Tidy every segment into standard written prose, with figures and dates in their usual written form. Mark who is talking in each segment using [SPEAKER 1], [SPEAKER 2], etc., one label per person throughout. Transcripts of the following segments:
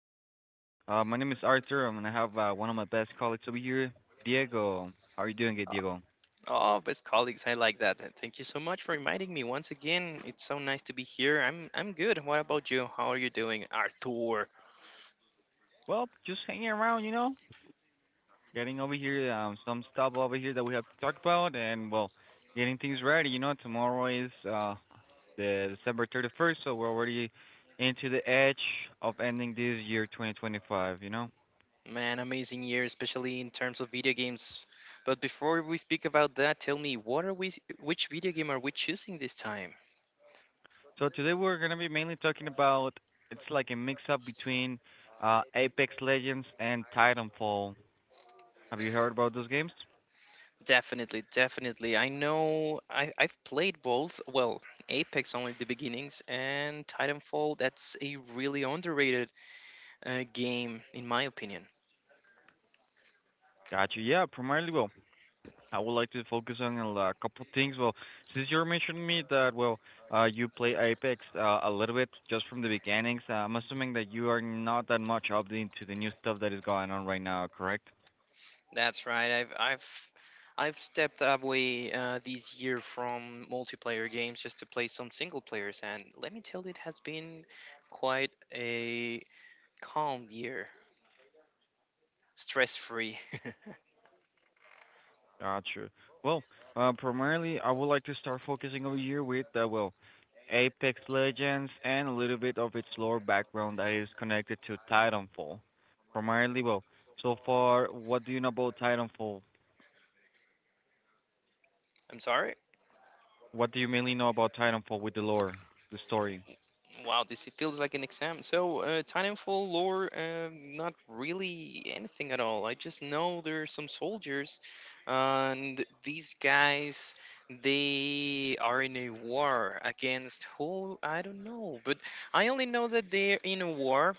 [SPEAKER 1] over here. My name is Arthur. I'm gonna have one of my best colleagues over here, Diego. How are you doing,
[SPEAKER 2] Uh,
[SPEAKER 1] Diego?
[SPEAKER 2] Oh, best colleagues, I like that. And thank you so much for inviting me once again. It's so nice to be here. I'm good. What about you? How are you doing, Arthur?
[SPEAKER 1] Well, just hanging around, you know, getting over here, some stuff over here that we have to talk about, and well, getting things ready. You know, tomorrow is the December 31st, so we're already into the edge of ending this year, 2025. You know.
[SPEAKER 2] Man, amazing year, especially in terms of video games. But before we speak about that, tell me, what are we? Which video game are we choosing this time?
[SPEAKER 1] So today we're going to be mainly talking about it's like a mix up between Apex Legends and Titanfall. Have you heard about those games?
[SPEAKER 2] Definitely, definitely. I know I've played both. Well, Apex only the beginnings, and Titanfall. That's a really underrated game, in my opinion.
[SPEAKER 1] Gotcha. Yeah, primarily. Well, I would like to focus on a couple things. Well, since you're mentioning me that well, you play Apex a little bit just from the beginnings. I'm assuming that you are not that much up into the new stuff that is going on right now. Correct?
[SPEAKER 2] That's right. I've stepped away this year from multiplayer games just to play some single players, and let me tell you, it has been quite a calm year, stress free.
[SPEAKER 1] Gotcha. Well, primarily, I would like to start focusing over here with, well, Apex Legends and a little bit of its lore background that is connected to Titanfall. Primarily, well, so far, what do you know about Titanfall?
[SPEAKER 2] I'm sorry.
[SPEAKER 1] What do you mainly know about Titanfall with the lore, the story?
[SPEAKER 2] Wow, this it feels like an exam. So, Titanfall lore, not really anything at all. I just know there are some soldiers, and these guys, they are in a war against who? I don't know, but I only know that they're in a war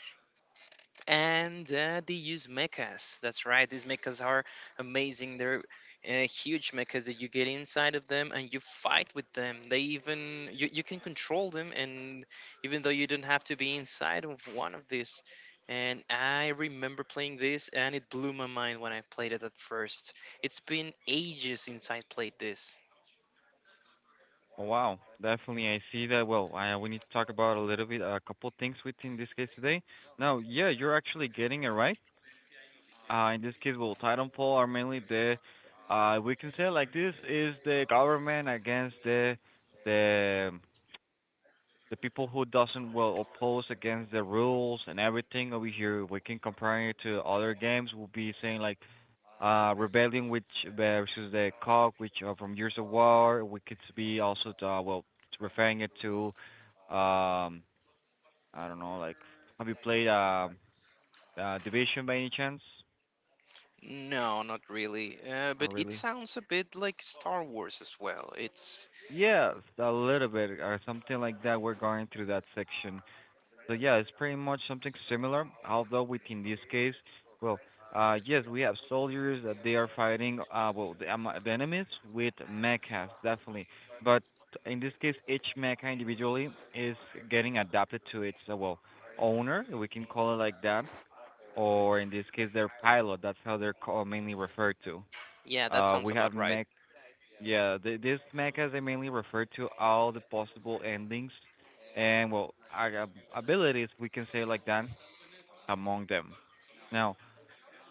[SPEAKER 2] and they use mechas. That's right. These mechas are amazing. They're huge mechas that you get inside of them and you fight with them. You can control them, and even though you don't have to be inside of one of these. And I remember playing this, and it blew my mind when I played it at first. It's been ages since I played this.
[SPEAKER 1] Oh, wow, definitely. I see that. Well, I, we need to talk about a little bit, a couple things within this case today. Now, yeah, you're actually getting it right. In this case, well, Titanfall are mainly the, we can say like this is the government against the the people who doesn't well oppose against the rules and everything over here. We can compare it to other games. We'll be saying like, Rebellion, which versus the COG, which are from Years of War. We could be also well referring it to, um, I don't know, like have you played Division by any chance?
[SPEAKER 2] No, not really.
[SPEAKER 1] Not
[SPEAKER 2] But it
[SPEAKER 1] really.
[SPEAKER 2] sounds a bit like Star Wars as well. It's
[SPEAKER 1] Yes, a little bit or something like that. We're going through that section. So yeah, it's pretty much something similar, although within this case, well, yes, we have soldiers that they are fighting, well, the enemies with mechas, definitely. But in this case, each mecha individually is getting adapted to its, well, owner, if we can call it like that, or in this case, their pilot. That's how they're mainly referred to.
[SPEAKER 2] yeah, that sounds
[SPEAKER 1] We have
[SPEAKER 2] about right.
[SPEAKER 1] this mechas they mainly refer to all the possible endings and well our abilities we can say like that among them. Now,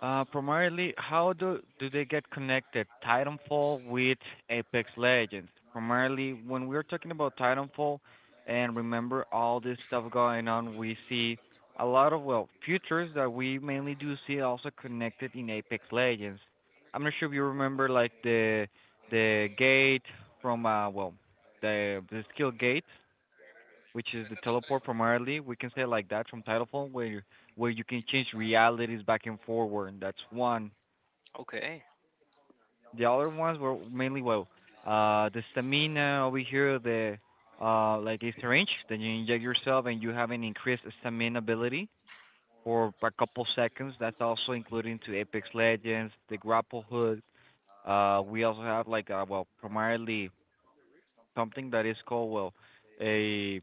[SPEAKER 1] primarily, how do they get connected, Titanfall with Apex Legends? Primarily, when we're talking about Titanfall, and remember all this stuff going on, we see a lot of well futures that we mainly do see also connected in Apex Legends. I'm not sure if you remember like the gate from well the skill gate which is the teleport primarily. We can say it like that from Titanfall, where you can change realities back and forward. That's one.
[SPEAKER 2] Okay.
[SPEAKER 1] The other ones were mainly well, the stamina over here, the like a syringe that you inject yourself and you have an increased stamina ability for a couple seconds. That's also including to Apex Legends, the grapple hook. We also have like well, primarily something that is called well, a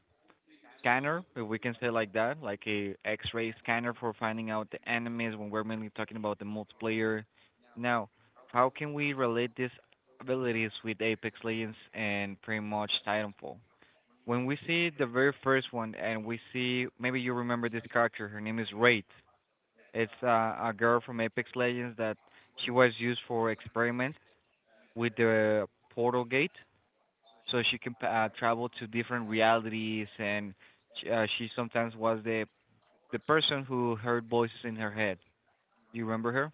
[SPEAKER 1] scanner, if we can say like that, like a X-ray scanner for finding out the enemies when we're mainly talking about the multiplayer. Now, how can we relate these abilities with Apex Legends and pretty much Titanfall? When we see the very first one and we see maybe you remember this character, her name is Wraith. It's a girl from Apex Legends that she was used for experiments with the portal gate so she can travel to different realities, and she sometimes was the person who heard voices in her head. Do you remember her?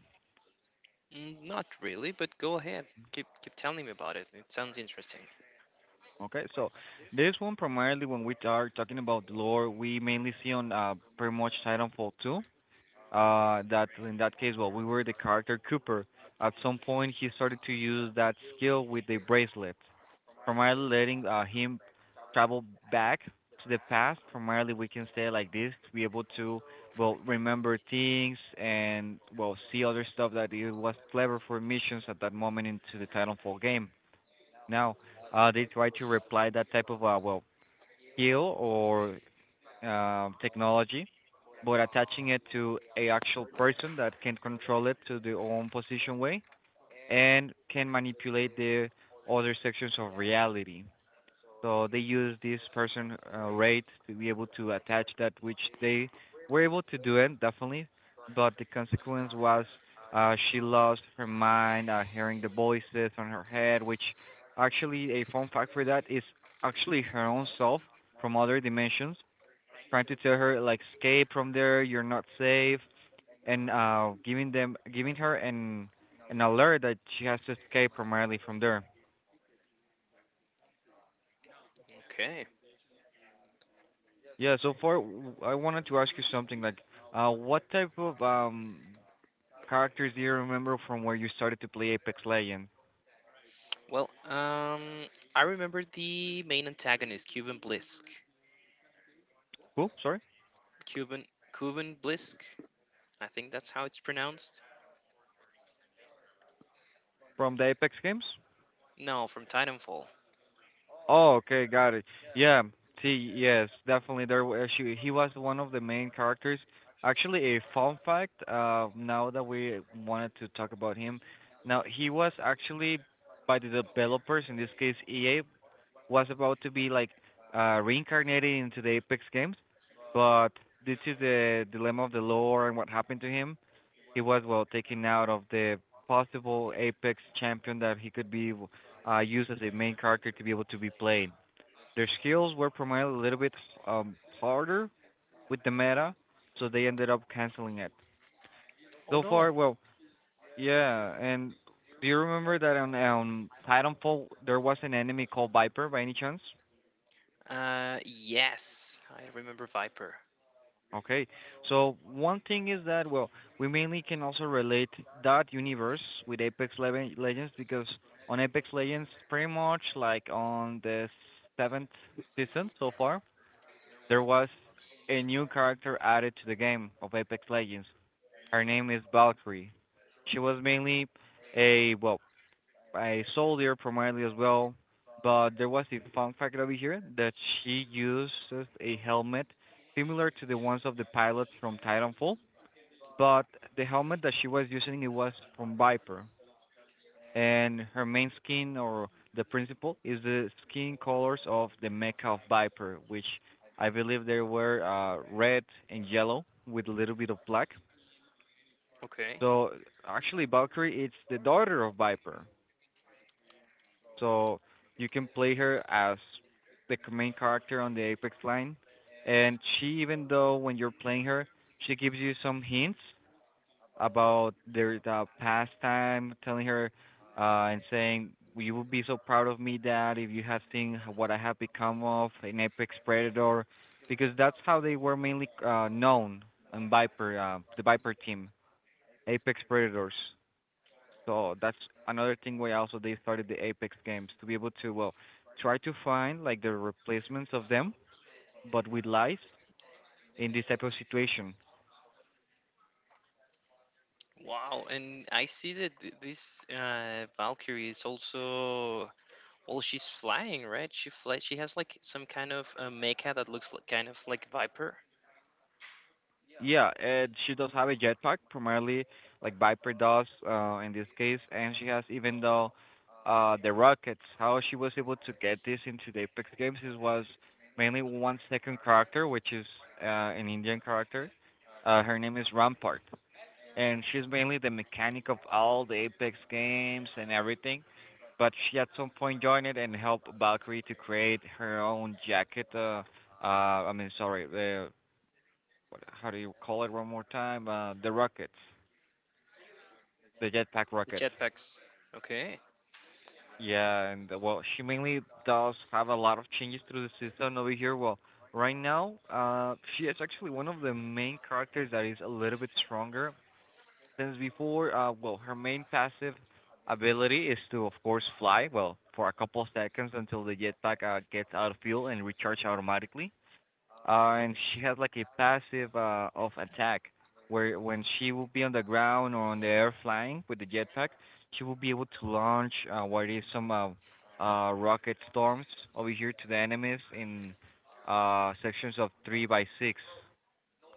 [SPEAKER 2] Mm, not really, but go ahead. Keep telling me about it. It sounds interesting.
[SPEAKER 1] Okay, so this one primarily when we are talking about the lore, we mainly see on pretty much Titanfall 2. That in that case well we were the character Cooper. At some point he started to use that skill with the bracelet, primarily letting him travel back to the past, primarily we can say like this, to be able to well remember things and well see other stuff that it was clever for missions at that moment into the Titanfall game. Now, they try to reply that type of well skill or technology, but attaching it to a actual person that can control it to their own position way and can manipulate the other sections of reality. So they use this person rate to be able to attach that, which they were able to do it definitely, but the consequence was she lost her mind, hearing the voices on her head, which actually a fun fact for that is actually her own self from other dimensions trying to tell her like escape from there, you're not safe, and giving her an alert that she has to escape primarily from there.
[SPEAKER 2] Okay.
[SPEAKER 1] Yeah, so far I wanted to ask you something like what type of characters do you remember from where you started to play Apex Legends?
[SPEAKER 2] Well, I remember the main antagonist, Cuban Blisk.
[SPEAKER 1] Who? Sorry?
[SPEAKER 2] Cuban Cuban Blisk. I think that's how it's pronounced.
[SPEAKER 1] From the Apex games?
[SPEAKER 2] No, from Titanfall.
[SPEAKER 1] Oh, okay, got it. Yeah, see, yes, definitely there were she he was one of the main characters. Actually, a fun fact, now that we wanted to talk about him. Now, he was actually by the developers, in this case EA, was about to be like reincarnated into the Apex games, but due to the dilemma of the lore and what happened to him, he was well taken out of the possible Apex champion that he could be used as a main character to be able to be played. Their skills were primarily a little bit harder with the meta, so they ended up canceling it.
[SPEAKER 2] Oh
[SPEAKER 1] So
[SPEAKER 2] no.
[SPEAKER 1] far, well, yeah. And do you remember that on Titanfall there was an enemy called Viper by any chance?
[SPEAKER 2] Yes, I remember Viper.
[SPEAKER 1] Okay. So one thing is that well, we mainly can also relate that universe with Apex Legends because on Apex Legends, pretty much like on the seventh season so far, there was a new character added to the game of Apex Legends. Her name is Valkyrie. She was mainly a well, a soldier primarily as well, but there was a fun fact over here that she uses a helmet similar to the ones of the pilots from Titanfall, but the helmet that she was using it was from Viper, and her main skin or the principal is the skin colors of the mecha of Viper, which I believe they were red and yellow with a little bit of black.
[SPEAKER 2] Okay.
[SPEAKER 1] So actually, Valkyrie it's the daughter of Viper. So you can play her as the main character on the Apex line, and she even though when you're playing her, she gives you some hints about their past time, telling her and saying you will be so proud of me, Dad, if you have seen what I have become of an Apex Predator, because that's how they were mainly known on Viper, the Viper team, Apex Predators. So that's another thing why also they started the Apex games to be able to well try to find like the replacements of them, but with life in this type of situation.
[SPEAKER 2] Wow, and I see that this Valkyrie is also, well, she's flying, right? She flies. She has like some kind of mecha that looks like, kind of like Viper.
[SPEAKER 1] Yeah, and she does have a jetpack, primarily like Viper does in this case, and she has even though the rockets. How she was able to get this into the Apex games is was mainly one second character, which is an Indian character. Her name is Rampart. And she's mainly the mechanic of all the Apex games and everything. But she at some point joined it and helped Valkyrie to create her own jacket. Uh, I mean, sorry, the what, how do you call it one more time? The rocket, the jetpack
[SPEAKER 2] The
[SPEAKER 1] rocket.
[SPEAKER 2] jetpacks. Okay.
[SPEAKER 1] Yeah, and well, she mainly does have a lot of changes through the season over here. Well, right now, she is actually one of the main characters that is a little bit stronger since before. Well, her main passive ability is to, of course, fly. Well, for a couple of seconds until the jetpack gets out of fuel and recharge automatically. And she has like a passive of attack where when she will be on the ground or on the air flying with the jetpack, she will be able to launch what is some rocket storms over here to the enemies in sections of 3 by 6.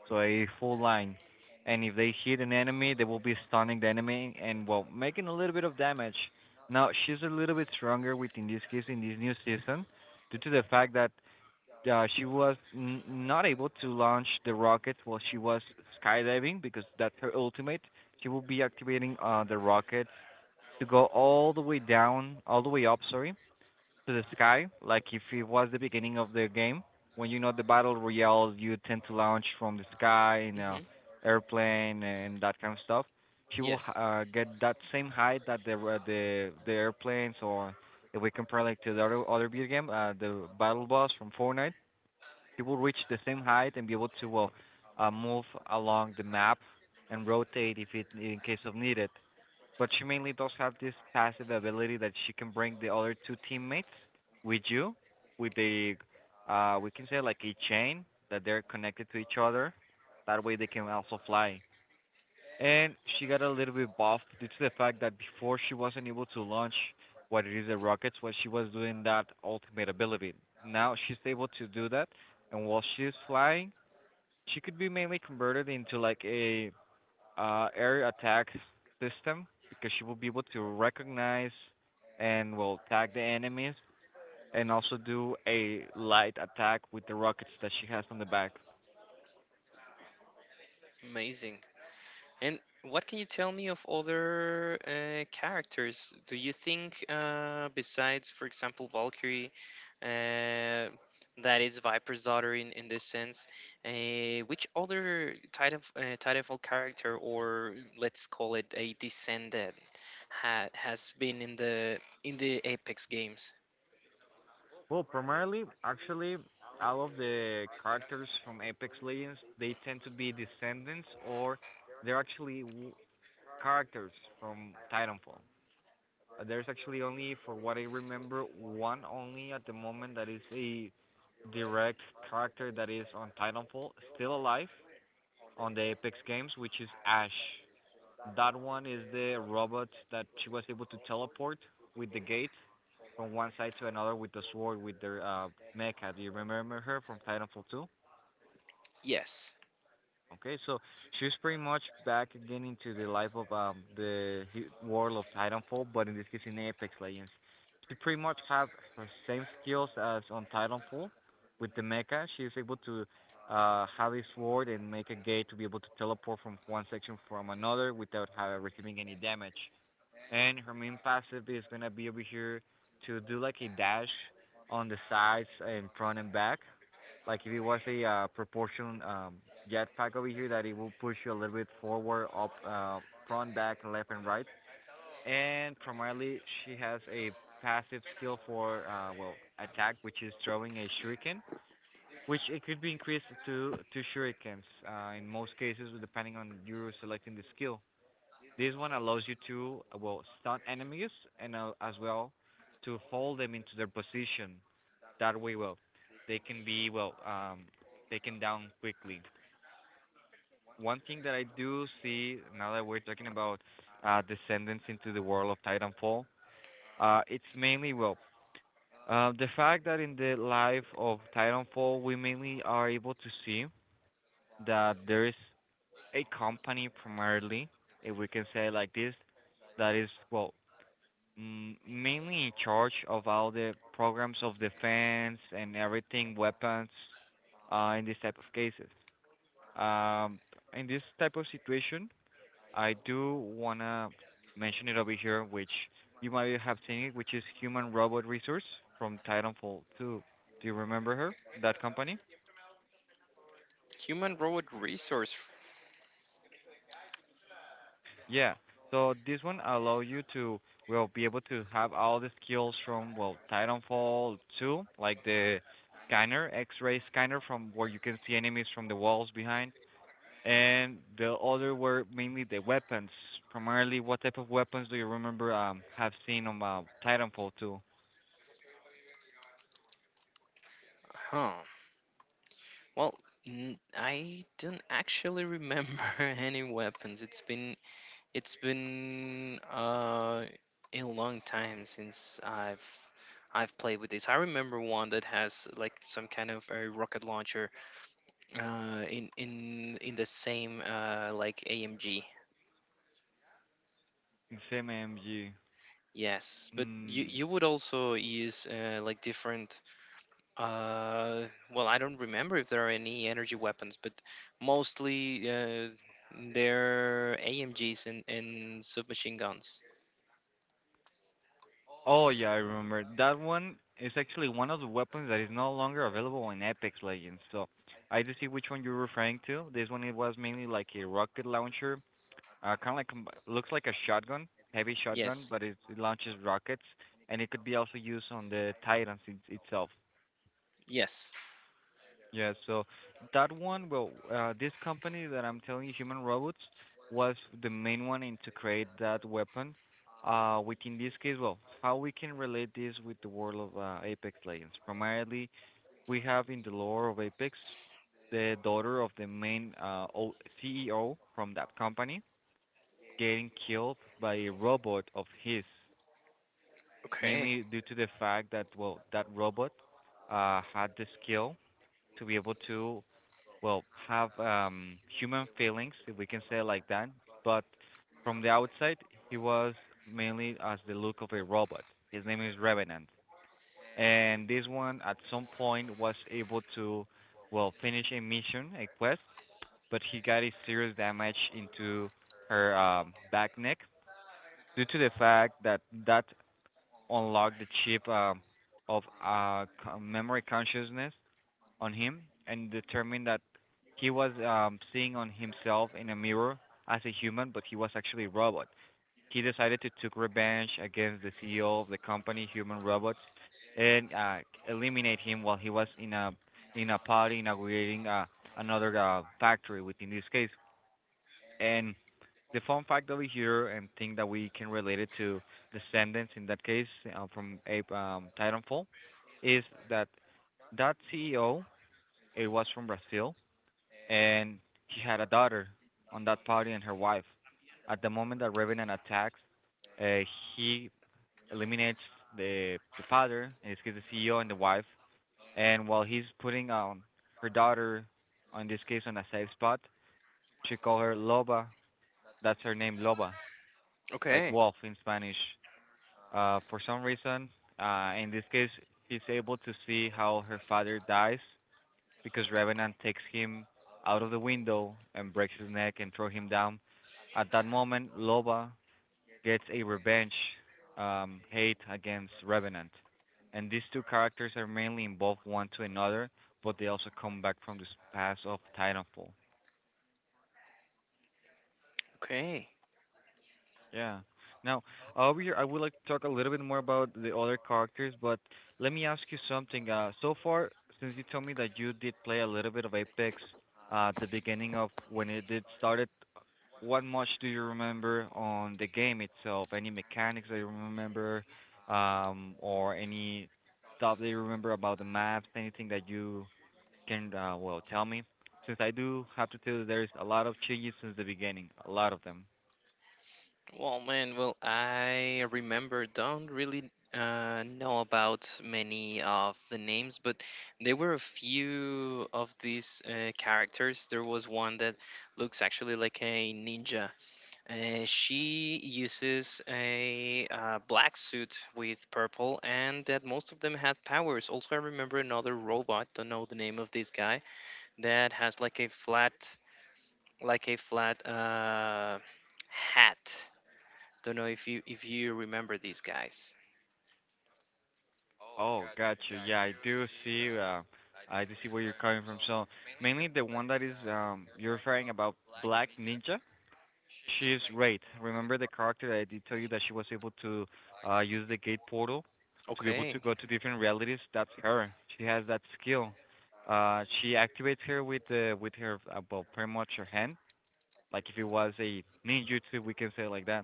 [SPEAKER 1] So a full line. And if they hit an enemy, they will be stunning the enemy and well making a little bit of damage. Now she's a little bit stronger within this case in this new season, due to the fact that she was not able to launch the rockets while she was skydiving because that's her ultimate. She will be activating the rockets to go all the way down, all the way up, sorry, to the sky, like if it was the beginning of the game. When you know, the battle royale, you tend to launch from the sky in a
[SPEAKER 2] hmm
[SPEAKER 1] airplane and that kind of stuff. She will
[SPEAKER 2] Yes.
[SPEAKER 1] get that same height that the airplanes, or if we compare like to the other video game, the battle boss from Fortnite, he will reach the same height and be able to well move along the map and rotate if it in case of needed, but she mainly does have this passive ability that she can bring the other two teammates with you with the we can say like a chain that they're connected to each other. That way they can also fly. And she got a little bit buffed due to the fact that before she wasn't able to launch what it is the rockets while she was doing that ultimate ability. Now she's able to do that, and while she's flying she could be mainly converted into like a air attack system because she will be able to recognize and will tag the enemies, and also do a light attack with the rockets that she has on the back.
[SPEAKER 2] Amazing. And what can you tell me of other characters? Do you think, besides, for example, Valkyrie, uh, that is Viper's daughter in this sense, uh, which other Titanfall character, or let's call it a descendant, ha has been in the Apex games?
[SPEAKER 1] Well, primarily, actually, all of the characters from Apex Legends, they tend to be descendants or they're actually characters from Titanfall. There's actually only, for what I remember, one only at the moment that is a direct character that is on Titanfall, still alive on the Apex games, which is Ash. That one is the robot that she was able to teleport with the gate from one side to another with the sword with their mecha. Do you remember her from Titanfall 2?
[SPEAKER 2] Yes.
[SPEAKER 1] Okay, so she's pretty much back again into the life of the world of Titanfall, but in this case in Apex Legends. She pretty much have her same skills as on Titanfall with the mecha. She's able to have a sword and make a gate to be able to teleport from one section from another without receiving any damage. And her main passive is gonna be over here to do like a dash on the sides and front and back like if it was a proportion jetpack over here, that it will push you a little bit forward, up, front, back, left, and right. And primarily, she has a passive skill for well attack, which is throwing a shuriken, which it could be increased to two shurikens in most cases, depending on you selecting the skill. This one allows you to well stun enemies and as well to hold them into their position that way well they can be well taken down quickly. One thing that I do see now that we're talking about descendants into the world of Titanfall, it's mainly well the fact that in the life of Titanfall we mainly are able to see that there is a company primarily, if we can say it like this, that is well mainly in charge of all the programs of defense and everything, weapons, in this type of cases. Um, in this type of situation, I do wanna mention it over here, which you might have seen it, which is Human Robot Resource from Titanfall 2. Do you remember her? That company?
[SPEAKER 2] Human robot resource.
[SPEAKER 1] Yeah. So this one allow you to well be able to have all the skills from well Titanfall 2, like the scanner, X-ray scanner from where you can see enemies from the walls behind, and the other were mainly the weapons. Primarily, what type of weapons do you remember have seen on Titanfall 2?
[SPEAKER 2] Huh? Well, I don't actually remember any weapons. It's been a long time since I've played with this. I remember one that has like some kind of a rocket launcher in the same like AMG.
[SPEAKER 1] Same AMG.
[SPEAKER 2] Yes, but you
[SPEAKER 1] Mm.
[SPEAKER 2] you would also use like different. Uh, well, I don't remember if there are any energy weapons, but mostly they're AMGs and submachine guns.
[SPEAKER 1] Oh yeah, I remember. That one is actually one of the weapons that is no longer available in Apex Legends. So I do see which one you're referring to. This one it was mainly like a rocket launcher. Kind of like looks like a shotgun, heavy shotgun,
[SPEAKER 2] Yes,
[SPEAKER 1] but it launches rockets, and it could be also used on the Titans itself.
[SPEAKER 2] yes.
[SPEAKER 1] Yeah, so that one, well, this company that I'm telling you, Human Robots, was the main one in to create that weapon. Which in this case, well, how we can relate this with the world of Apex Legends? Primarily, we have in the lore of Apex the daughter of the main CEO from that company getting killed by a robot of his,
[SPEAKER 2] Okay,
[SPEAKER 1] mainly due to the fact that, well, that robot had the skill to be able to well have human feelings, if we can say it like that, but from the outside he was mainly as the look of a robot. His name is Revenant, and this one at some point was able to well finish a mission, a quest, but he got a serious damage into her back neck due to the fact that that unlocked the chip of memory consciousness on him and determined that he was seeing on himself in a mirror as a human, but he was actually a robot. He decided to take revenge against the CEO of the company, Human Robots, and eliminate him while he was in a party inaugurating another factory within this case. And the fun fact over here and thing that we can relate it to Descendants in that case from Titanfall is that that CEO it was from Brazil, and he had a daughter on that party and her wife. At the moment that Revenant attacks, uh, he eliminates the father, in this case the CEO and the wife, and while he's putting her daughter, in this case on a safe spot, she call her Loba. That's her name, Loba, like
[SPEAKER 2] okay,
[SPEAKER 1] wolf in Spanish. For some reason, in this case, he's able to see how her father dies because Revenant takes him out of the window and breaks his neck and throws him down. At that moment, Loba gets a revenge hate against Revenant. And these two characters are mainly involved one to another, but they also come back from this past of Titanfall.
[SPEAKER 2] okay.
[SPEAKER 1] Yeah. Now, over here, I would like to talk a little bit more about the other characters, but let me ask you something. So far, since you told me that you did play a little bit of Apex at the beginning of when it did started, what much do you remember on the game itself? Any mechanics that you remember, or any stuff that you remember about the maps? Anything that you can well tell me? Since I do have to tell you, there is a lot of changes since the beginning, a lot of them.
[SPEAKER 2] Well, man, well, I remember, don't really know about many of the names, but there were a few of these characters. There was one that looks actually like a ninja. She uses a black suit with purple, and that most of them had powers. Also, I remember another robot. Don't know the name of this guy that has like a flat hat. Don't know if you remember these guys.
[SPEAKER 1] Oh, gotcha. Yeah, I do see. I do see where you're coming from. So mainly the one that is you're referring about Black Ninja. She's Wraith. Remember the character that I did tell you that she was able to use the gate portal to be able to
[SPEAKER 2] Okay.
[SPEAKER 1] go to different realities? That's her. She has that skill. She activates her with her well, pretty much her hand, like if it was a ninjutsu, we can say it like that,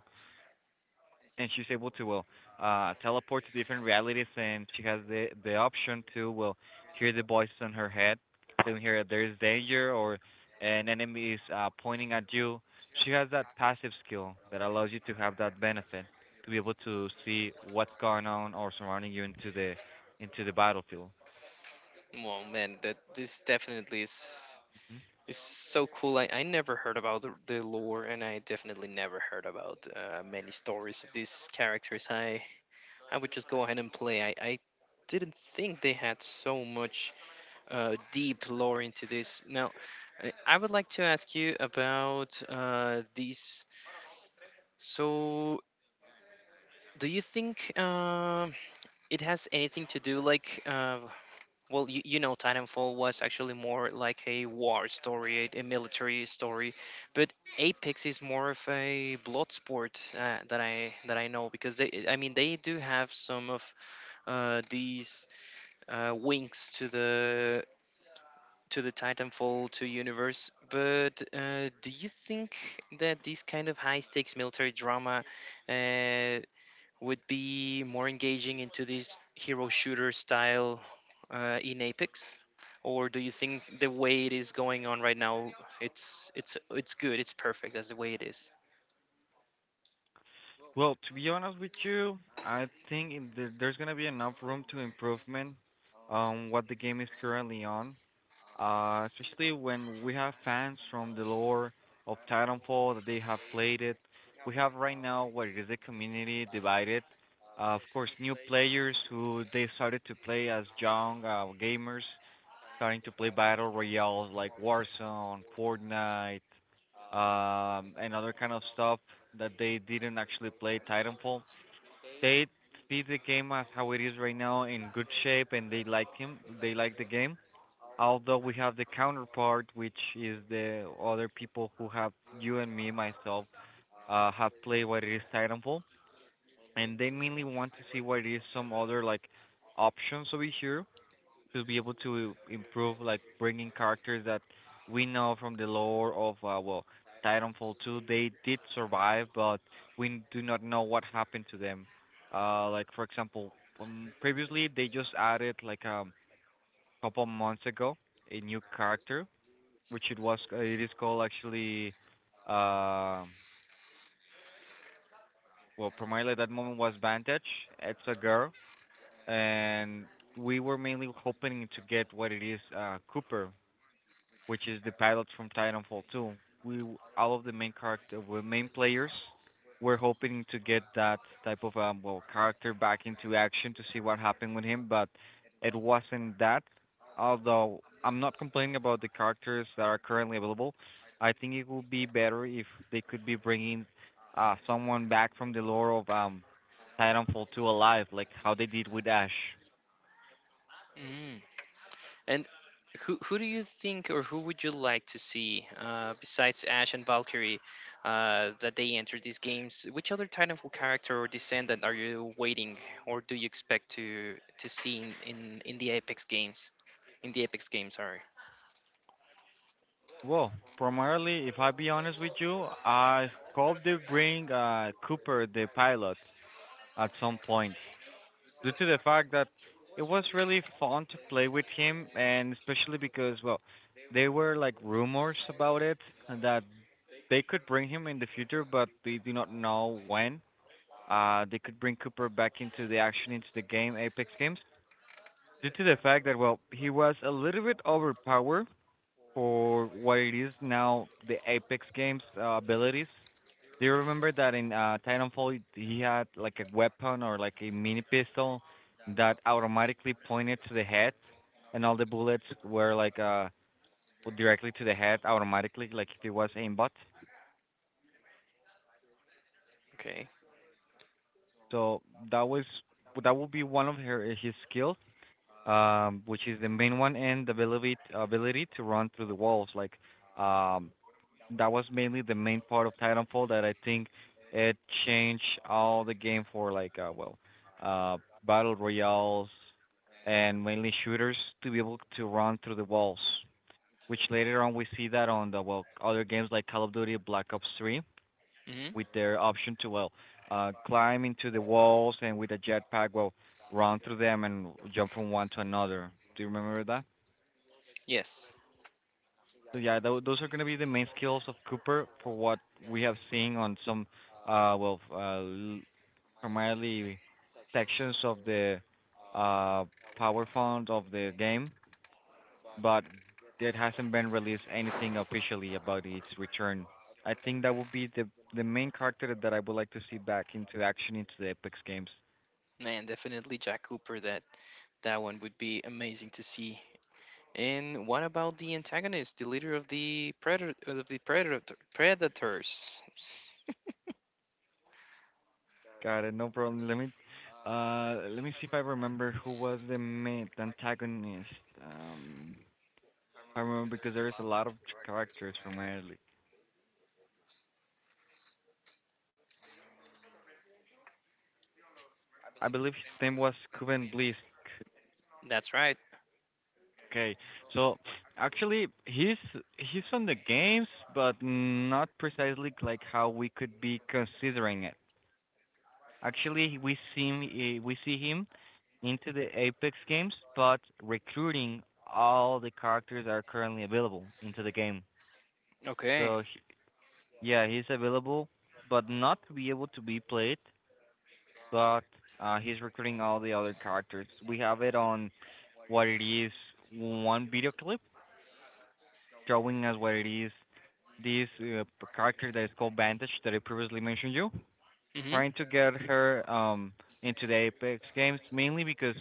[SPEAKER 1] and she's able to well teleport to different realities, and she has the option to well hear the voices on her head telling her that there is danger or an enemy is pointing at you. She has that passive skill that allows you to have that benefit to be able to see what's going on or surrounding you into the battlefield.
[SPEAKER 2] Well, man, that this definitely
[SPEAKER 1] Mhm.
[SPEAKER 2] is so cool. I never heard about the lore, and I definitely never heard about many stories of these characters. I would just go ahead and play. I didn't think they had so much deep lore into this. Now, I would like to ask you about these. So, do you think it has anything to do like, well, you know, Titanfall was actually more like a war story, a military story, but Apex is more of a blood sport that I know, because they, I mean, they do have some of these winks to the Titanfall 2 universe. But do you think that this kind of high stakes military drama uh, would be more engaging into this hero shooter style in Apex? Or do you think the way it is going on right now, it's good, it's perfect as the way it is?
[SPEAKER 1] Well, to be honest with you, I think in the, there's going to be enough room to improvement on what the game is currently on. Especially when we have fans from the lore of Titanfall that they have played it. We have right now what is a community divided. Of course, new players who they started to play as young gamers, starting to play battle royales like Warzone, Fortnite, and other kind of stuff that they didn't actually play Titanfall. They see the game as how it is right now in good shape, and they like him. They like the game, although we have the counterpart, which is the other people who have you and me, myself, have played what it is Titanfall, and they mainly want to see what it is some other like options over here to be able to improve, like bringing characters that we know from the lore of Titanfall 2. They did survive, but we do not know what happened to them. Like for example, previously they just added like a couple months ago a new character which it is called actually uh, well, primarily at that moment, was Vantage. It's a girl, and we were mainly hoping to get what it is Cooper, which is the pilot from Titanfall 2. All of the main character, well, main players, were hoping to get that type of character back into action to see what happened with him, but it wasn't that. Although I'm not complaining about the characters that are currently available, I think it would be better if they could be bringing someone back from the lore of Titanfall 2 alive, like how they did with Ash.
[SPEAKER 2] And who do you think, or who would you like to see besides Ash and Valkyrie that they enter these games? Which other Titanfall character or descendant are you waiting, or do you expect to see in the Apex games? In the Apex games, sorry.
[SPEAKER 1] Well, primarily, if I be honest with you, I hope they bring Cooper the pilot at some point, due to the fact that it was really fun to play with him, and especially because, well, there were like rumors about it that they could bring him in the future, but they do not know when. They could bring Cooper back into the action into the game Apex Games, due to the fact that, well, he was a little bit overpowered for what it is now, the Apex Games abilities. Do you remember that in Titanfall he had like a weapon or like a mini pistol that automatically pointed to the head, and all the bullets were like directly to the head automatically, like if it was aimbot.
[SPEAKER 2] Okay.
[SPEAKER 1] So that was that would be one of her his skills, which is the main one, and the ability to run through the walls, like. um that was mainly the main part of Titanfall that I think it changed all the game for like uh battle royales and mainly shooters to be able to run through the walls. Which later on we see that on the well other games like Call of Duty Black Ops 3,
[SPEAKER 2] hmm
[SPEAKER 1] with their option to climb into the walls, and with a jetpack well run through them and jump from one to another. Do you remember that?
[SPEAKER 2] Yes.
[SPEAKER 1] So yeah, those are going to be the main skills of Cooper for what we have seen on some, uh, well, uh, l- primarily sections of the uh power font of the game, but it hasn't been released anything officially about its return. I think that would be the main character that I would like to see back into action into the Apex games.
[SPEAKER 2] Man, definitely Jack Cooper. That that one would be amazing to see. And what about the antagonist, the leader of the predator predators?
[SPEAKER 1] Got it, no problem. Let me see if I remember who was the main antagonist. Um I remember because there is a lot of characters from Ireland. I believe his name was Cuban Blisk.
[SPEAKER 2] That's right.
[SPEAKER 1] Okay, so actually he's from the games, but not precisely like how we could be considering it. Actually, we see him, eh, we see him into the Apex games, but recruiting all the characters that are currently available into the game.
[SPEAKER 2] Okay.
[SPEAKER 1] So yeah, he's available, but not to be able to be played, but he's recruiting all the other characters. We have it on what it is one video clip showing us what it is this character that is called Vantage that I previously mentioned you,
[SPEAKER 2] Mm-hmm.
[SPEAKER 1] trying to get her into the Apex games, mainly because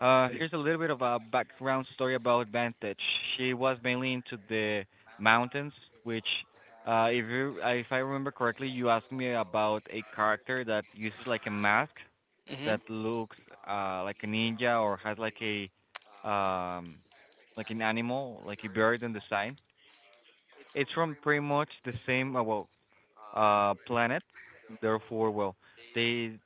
[SPEAKER 1] here's a little bit of a background story about Vantage. She was mainly into the mountains, which if I remember correctly, you asked me about a character that uses like a mask
[SPEAKER 2] Mm-hmm.
[SPEAKER 1] that looks like a ninja or has like a um like an animal, like a bird in the sign. It's from pretty much the same planet. Therefore, well, they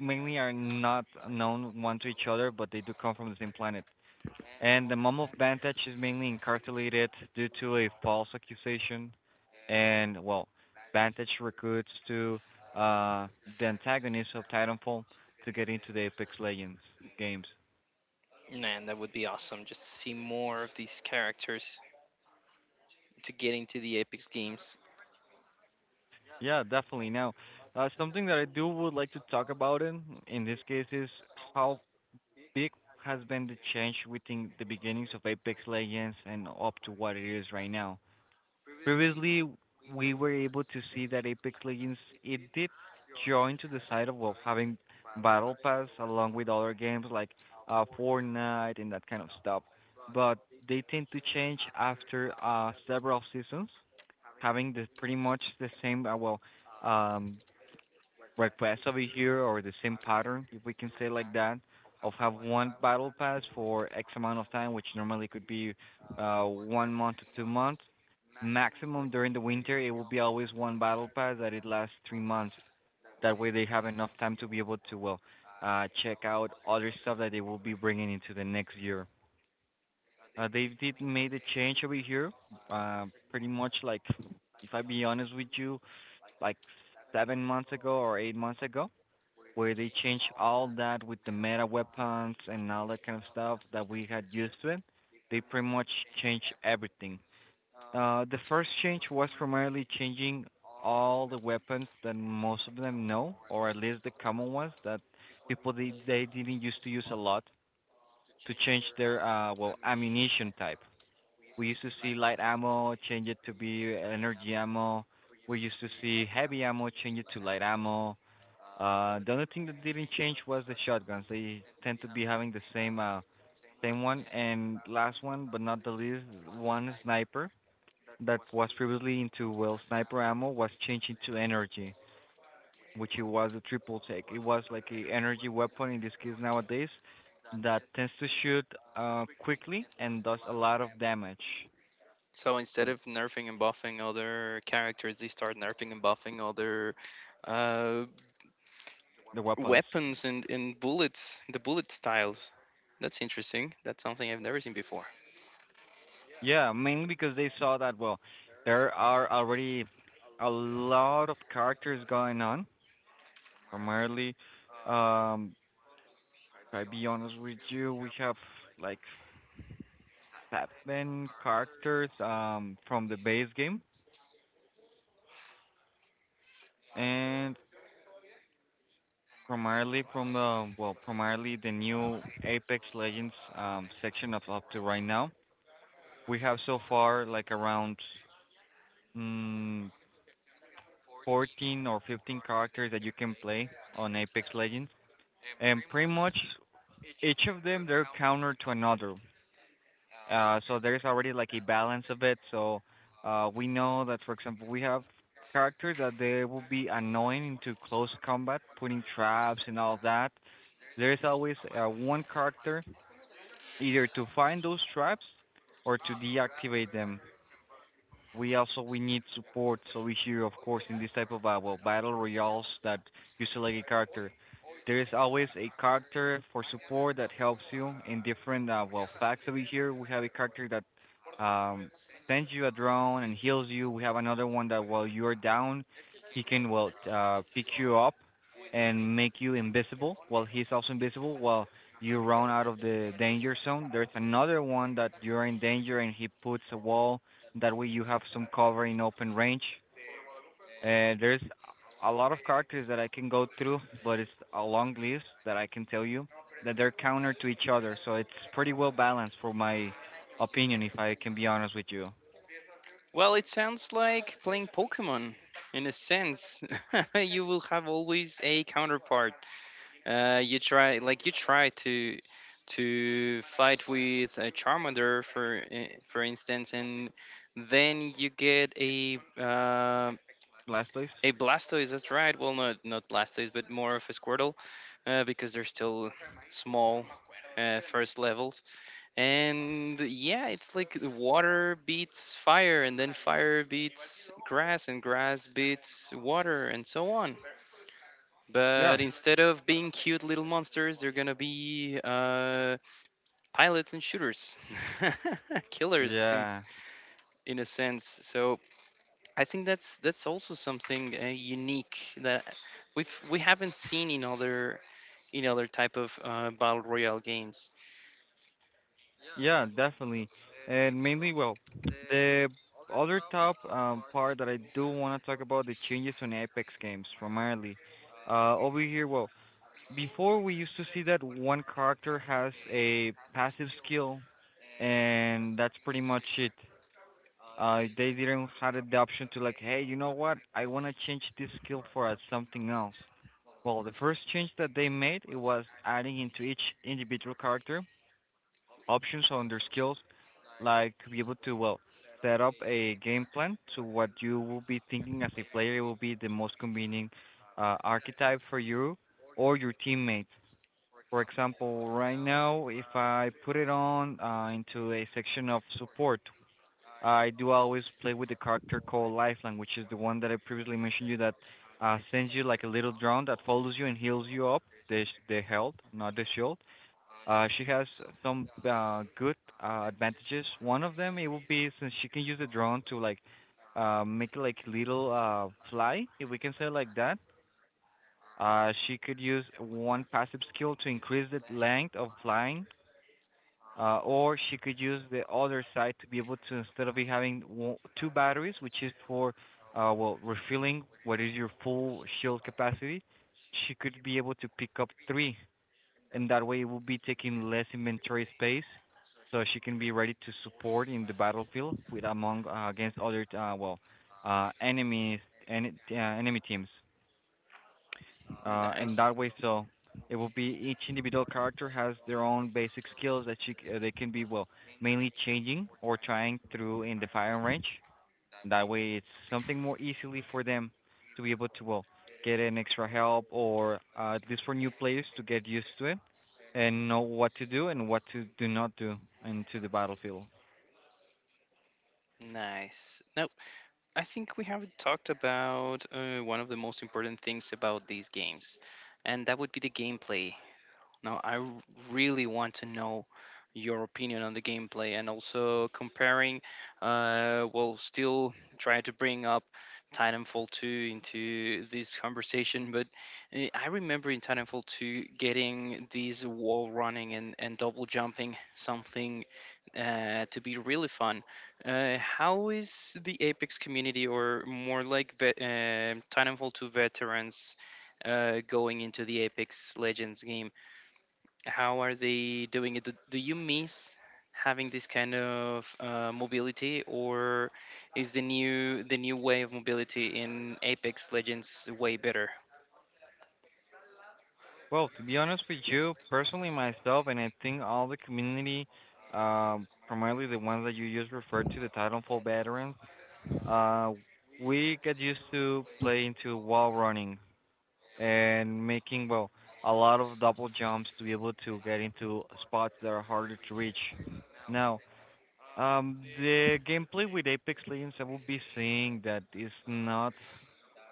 [SPEAKER 1] mainly are not known one to each other, but they do come from the same planet. And the mom of Bantech is mainly incarcerated due to a false accusation. And well, Bantech recruits to uh, the antagonist of Titanfall to get into the Apex Legends games.
[SPEAKER 2] Man, that would be awesome just to see more of these characters to get into the Apex games.
[SPEAKER 1] Yeah, definitely. Now, something that I do would like to talk about in this case is how big has been the change within the beginnings of Apex Legends and up to what it is right now. Previously, we were able to see that Apex Legends it did join to the side of well having battle pass along with other games like Fortnite and that kind of stuff. But they tend to change after several seasons, having the pretty much the same um, request over here, or the same pattern, if we can say like that, of have one battle pass for X amount of time, which normally could be one month to two months. Maximum during the winter, it will be always one battle pass that it lasts three months. That way, they have enough time to be able to check out other stuff that they will be bringing into the next year. They did made a change over here, pretty much like, if I be honest with you, like seven months ago or eight months ago, where they changed all that with the meta weapons and all that kind of stuff that we had used to it. They pretty much changed everything. The first change was primarily changing all the weapons that most of them know, or at least the common ones that they didn't used to use a lot, to change their ammunition type. We used to see light ammo change it to be energy ammo. We used to see heavy ammo change it to light ammo. The only thing that didn't change was the shotguns. They tend to be having the same same one, and last one, but not the least, one sniper that was previously into well sniper ammo was changed into energy, which it was a triple take. It was like a energy weapon in this case nowadays that tends to shoot quickly and does a lot of damage.
[SPEAKER 2] So instead of nerfing and buffing other characters, they start nerfing and buffing other uh,
[SPEAKER 1] The weapons,
[SPEAKER 2] weapons and bullets, the bullet styles. That's interesting. That's something I've never seen before.
[SPEAKER 1] yeah, mainly because they saw that well, there are already a lot of characters going on primarily. Um, if I be honest with you, we have like seven characters from the base game, and primarily from the well primarily the new Apex Legends section of up to right now. We have so far like around mm, 14 or 15 characters that you can play on Apex Legends, and pretty much each of them they're counter to another. So there's already like a balance of it. So we know that, for example, we have characters that they will be annoying into close combat, putting traps and all that. There is always one character either to find those traps or to deactivate them. We also we need support. So we hear, of course, in this type of battle royales, that you select a character. There is always a character for support that helps you in different facts over here. We have a character that sends you a drone and heals you. We have another one that while you are down, he can pick you up and make you invisible. Well, he's also invisible while you run out of the danger zone. There's another one that you're in danger and he puts a wall, that way you have some cover in open range. There's a lot of characters that I can go through, but it's a long list that I can tell you that they're counter to each other. So it's pretty well balanced for my opinion, if I can be honest with you.
[SPEAKER 2] Well, it sounds like playing Pokemon in a sense. You will have always a counterpart. You try like you try to fight with a Charmander for for instance, and then you get a uh,
[SPEAKER 1] Blastoise?
[SPEAKER 2] a Blastoise. That's right. Well, not Blastoise, but more of a Squirtle because they're still small. First levels, and yeah, it's like water beats fire and then fire beats grass and grass beats water and so on,
[SPEAKER 1] Yeah,
[SPEAKER 2] but instead of being cute little monsters, they're gonna be pilots and shooters, killers in,
[SPEAKER 1] yeah,
[SPEAKER 2] in a sense. So I think that's also something unique that we haven't seen in other type of battle royale games.
[SPEAKER 1] yeah, definitely. And mainly, well, the other top part that I do want to talk about the changes on Apex games primarily. Over here, well, before we used to see that one character has a passive skill, and that's pretty much it. They didn't have the option to like, hey, you know what? I want to change this skill for something else. Well, the first change that they made it was adding into each individual character options on their skills, like to be able to well set up a game plan to what you will be thinking as a player will be the most convenient archetype for you or your teammates. For example, right now, if I put it on into a section of support, I do always play with the character called Lifeline, which is the one that I previously mentioned you that sends you like a little drone that follows you and heals you up. The health, not the shield. She has some good advantages. One of them it will be since she can use the drone to like make like little fly, if we can say it like that she could use one passive skill to increase the length of flying, or she could use the other side to be able to instead of you having two batteries, which is for well refilling what is your full shield capacity, she could be able to pick up three, and that way it will be taking less inventory space, so she can be ready to support in the battlefield with among against other well enemies and enemy teams in
[SPEAKER 2] Nice.
[SPEAKER 1] that way. So it will be each individual character has their own basic skills that they can be well mainly changing or trying through in the firing range. That way, it's something more easily for them to be able to well get an extra help or at least for new players to get used to it and know what to do and what to do not do into the battlefield.
[SPEAKER 2] Nice. Now, I think we haven't talked about one of the most important things about these games, and that would be the gameplay. Now I really want to know your opinion on the gameplay and also comparing, well, still try to bring up Titanfall 2 into this conversation. But I remember in Titanfall 2 getting these wall running and double jumping, something to be really fun. How is the Apex community, or more like Titanfall 2 veterans, going into the Apex Legends game? How are they doing it? Do you miss having this kind of mobility, or is the new way of mobility in Apex Legends way better?
[SPEAKER 1] Well, to be honest with you, personally myself, and I think all the community, primarily the ones that you just referred to, the Titanfall veterans, uh, we get used to playing to wall running and making well a lot of double jumps to be able to get into spots that are harder to reach. Now, the gameplay with Apex Legends, I will be seeing that is not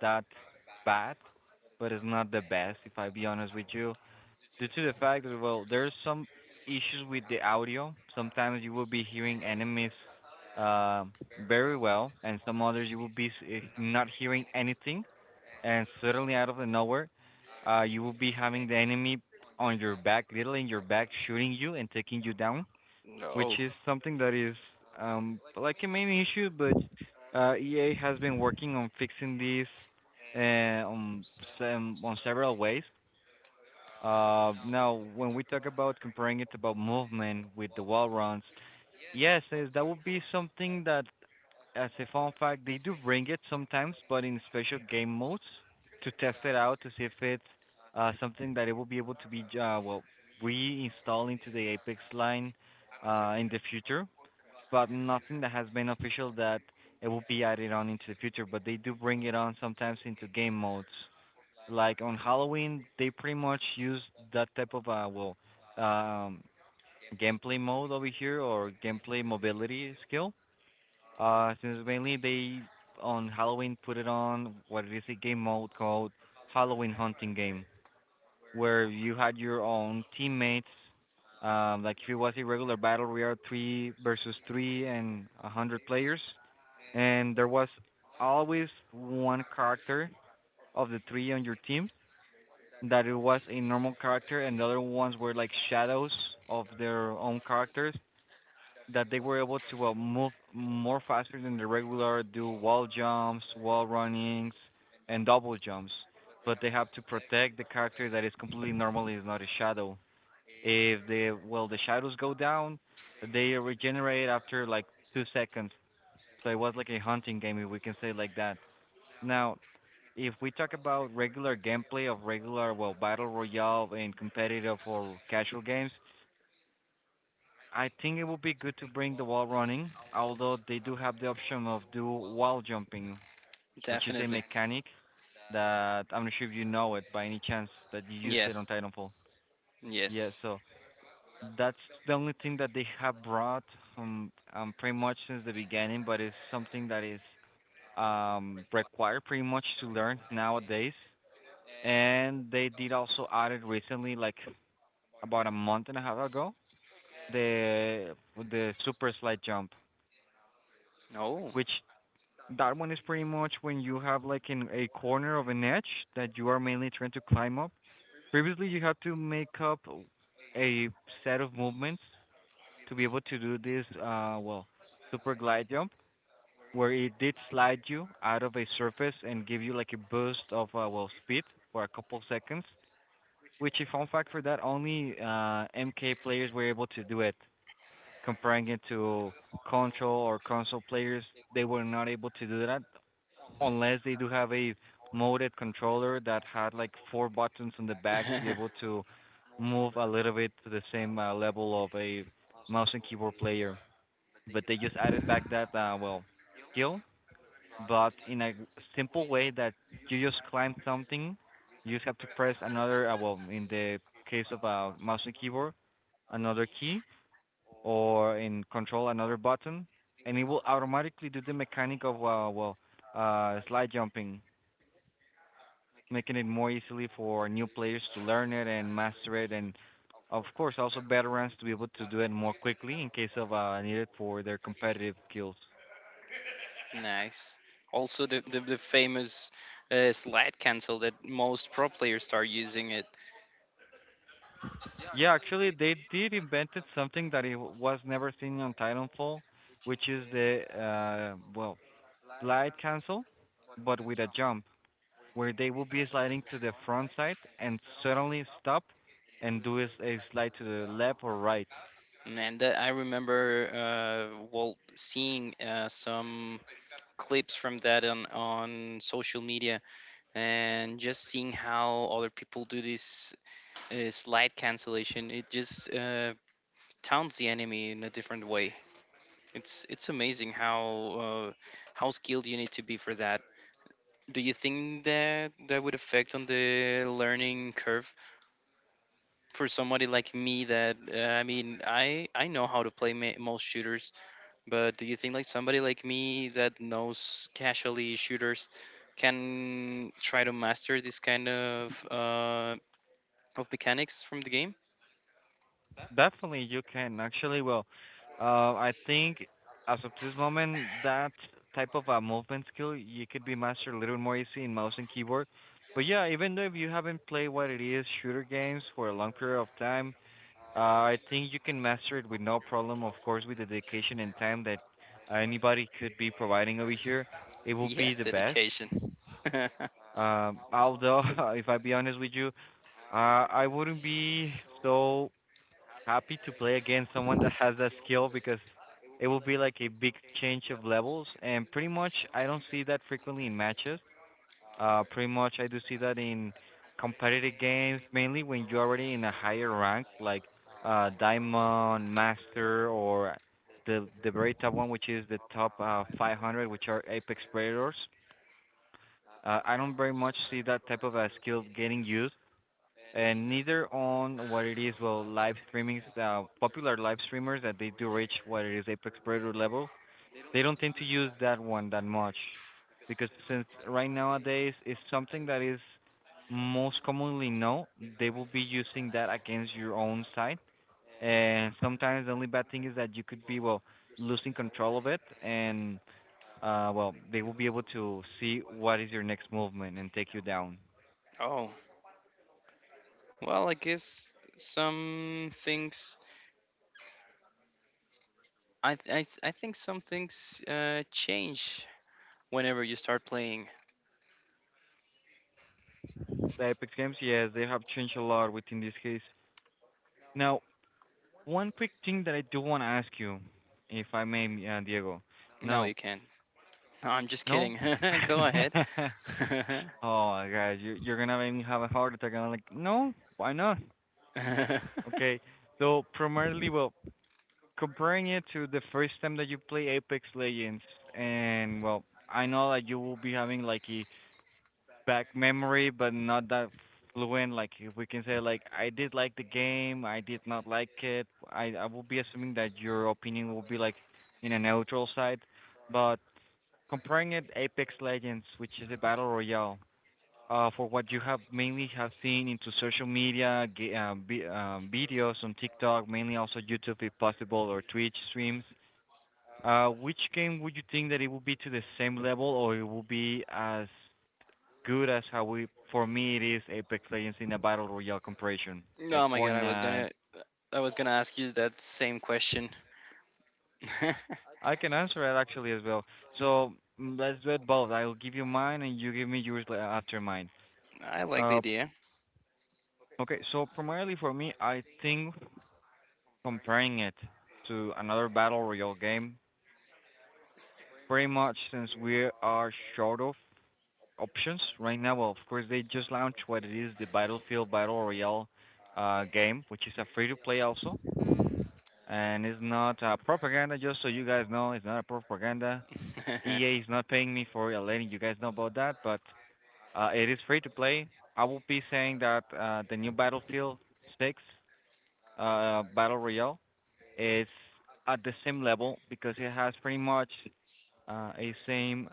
[SPEAKER 1] that bad, but it's not the best, if I be honest with you due to the fact that well there's some issues with the audio. Sometimes you will be hearing enemies uh, very well and some others you will be not hearing anything and suddenly out of the nowhere you will be having the enemy on your back, literally in your back, shooting you and taking you down, which
[SPEAKER 2] No,
[SPEAKER 1] is something that is like a main issue. But EA has been working on fixing this on on several ways. Now, when we talk about comparing it about movement with the wall runs, yes, that would be something that, as a fun fact, they do bring it sometimes, but in special game modes to test it out to see if it's something that it will be able to be well reinstalled into the Apex line in the future. But nothing that has been official that it will be added on into the future. But they do bring it on sometimes into game modes like on Halloween. They pretty much use that type of well um gameplay mode over here, or gameplay mobility skill. Since mainly they on Halloween put it on what is a game mode called Halloween Hunting Game, where you had your own teammates. Like if it was a regular battle, we are three versus three and a hundred players, and there was always one character of the three on your team that it was a normal character, and the other ones were like shadows of their own characters that they were able to move more faster than the regular, do wall jumps, wall runnings, and double jumps. But they have to protect the character that is completely normal, is not a shadow. If they well the shadows go down, they regenerate after like 2 seconds. So it was like a hunting game, if we can say it like that. Now if we talk about regular gameplay of regular well battle royale and competitive or casual games, I think it would be good to bring the wall running, although they do have the option of do wall jumping, which is a
[SPEAKER 2] definitely.
[SPEAKER 1] mechanic that I'm not sure if you know it by any chance that you used it on
[SPEAKER 2] Yes,
[SPEAKER 1] Titanfall. Yeah,
[SPEAKER 2] yes.
[SPEAKER 1] so that's the only thing that they have brought pretty much since the beginning, but it's something that is required pretty much to learn nowadays. And they did also added recently, like about a month and a half ago, the super slide jump,
[SPEAKER 2] Oh,
[SPEAKER 1] which that one is pretty much when you have like in a corner of an edge that you are mainly trying to climb up. Previously, you had to make up a set of movements to be able to do this, well, super glide jump, where it did slide you out of a surface and give you like a boost of, well, speed for a couple seconds. Which, if fun fact for that, only MK players were able to do it. Comparing it to console or console players, they were not able to do that unless they do have a modded controller that had like four buttons on the back to be able to move a little bit to the same level of a mouse and keyboard player. But they just added back that well skill, but in a simple way that you just climb something, you just have to press another, well, in the case of a mouse and keyboard, another key, or in control, another button, and it will automatically do the mechanic of, well, slide jumping, making it more easily for new players to learn it and master it, and of course, also veterans to be able to do it more quickly in case of needed for their competitive skills.
[SPEAKER 2] nice. Also, the famous slide cancel that most pro players start using it,
[SPEAKER 1] Yeah, actually, they did invented something that it was never seen on Titanfall, which is the well glide cancel, but with a jump where they will be sliding to the front side and suddenly stop and do a slide to the left or right.
[SPEAKER 2] and that I remember well, seeing some clips from that on social media and just seeing how other people do this slide cancellation. It just taunts the enemy in a different way. It's amazing uh, how skilled you need to be for that. Do you think that that would affect on the learning curve for somebody like me that I mean I know how to play most shooters. But do you think like somebody like me that knows casually shooters can try to master this kind of mechanics from the game?
[SPEAKER 1] Definitely, you can actually. Well, I think as of this moment, that type of a movement skill you could be mastered a little more easy in mouse and keyboard. But yeah, even though if you haven't played what it is shooter games for a long period of time, I think you can master it with no problem. Of course, with the dedication and time that anybody could be providing over here, it will be
[SPEAKER 2] Yes,
[SPEAKER 1] the best.
[SPEAKER 2] dedication.
[SPEAKER 1] Although, if I be honest with you, I wouldn't be so happy to play against someone that has that skill, because it will be like a big change of levels and pretty much I don't see that frequently in matches. Pretty much I do see that in competitive games mainly when you're already in a higher rank, like diamond, master, or the very top one, which is the top 500, which are apex predators. I don't very much see that type of a skill getting used, and neither on what it is well live streamings. Popular live streamers that they do reach what it is apex predator level, they don't tend to use that one that much, because since right nowadays it's something that is most commonly known, they will be using that against your own site, and sometimes the only bad thing is that you could be well losing control of it, and well they will be able to see what is your next movement and take you down.
[SPEAKER 2] Oh well, I guess some things. I th- I, s- I think some things change whenever you start playing.
[SPEAKER 1] The Epic Games, yes, they have changed a lot within this case. Now, one quick thing that I do want to ask you, if I may, Diego.
[SPEAKER 2] No, you
[SPEAKER 1] No,
[SPEAKER 2] can't. No, I'm just
[SPEAKER 1] no.
[SPEAKER 2] kidding. Go ahead. Oh
[SPEAKER 1] Oh my God, you you're gonna make me have a heart attack. And I'm like, no, why not? Okay, so primarily, well, comparing it to the first time that you play Apex Legends, and well, I know that you will be having like a back memory, but not that fluent. Like if we can say like I did like the game, I did not like it. I will be assuming that your opinion will be like in a neutral side, but comparing it Apex Legends, which is a battle royale, for what you have mainly have seen into social media, videos on TikTok, mainly also YouTube if possible or Twitch streams. Which game would you think that it will be to the same level or it will be as good as how we for me it is Apex Legends in a battle royale comparison, like
[SPEAKER 2] my god, I was
[SPEAKER 1] Fortnite.
[SPEAKER 2] gonna I was gonna ask you that same question.
[SPEAKER 1] I can answer it actually as well. So let's do it both. I'll give you mine and you give me yours after mine.
[SPEAKER 2] I like the
[SPEAKER 1] Uh,
[SPEAKER 2] idea.
[SPEAKER 1] okay. So primarily for me, I think comparing it to another battle royale game, pretty much since we are short of options right now. Well, of course they just launched what it is the Battlefield Battle Royale game, which is a free to play also and it's not propaganda. Just so you guys know, it's not a propaganda. EA is not paying me for letting you guys know about that, but it is free to play. I will be saying that the new Battlefield 6 Battle Royale is at the same level because it has pretty much a same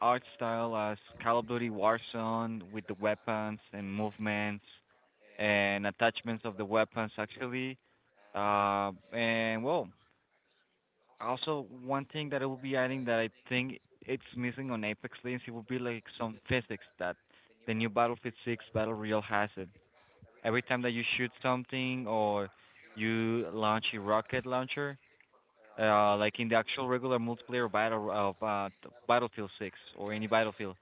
[SPEAKER 1] art style as Call of Duty Warzone with the weapons and movements and attachments of the weapons actually. Uh, and well, Also, one thing that I will be adding that I think it's missing on Apex Legends, it would be like some physics that the new Battlefield 6 Battle Royale has it. Every time that you shoot something or you launch a rocket launcher, like in the actual regular multiplayer battle of Battlefield 6 or any Battlefield,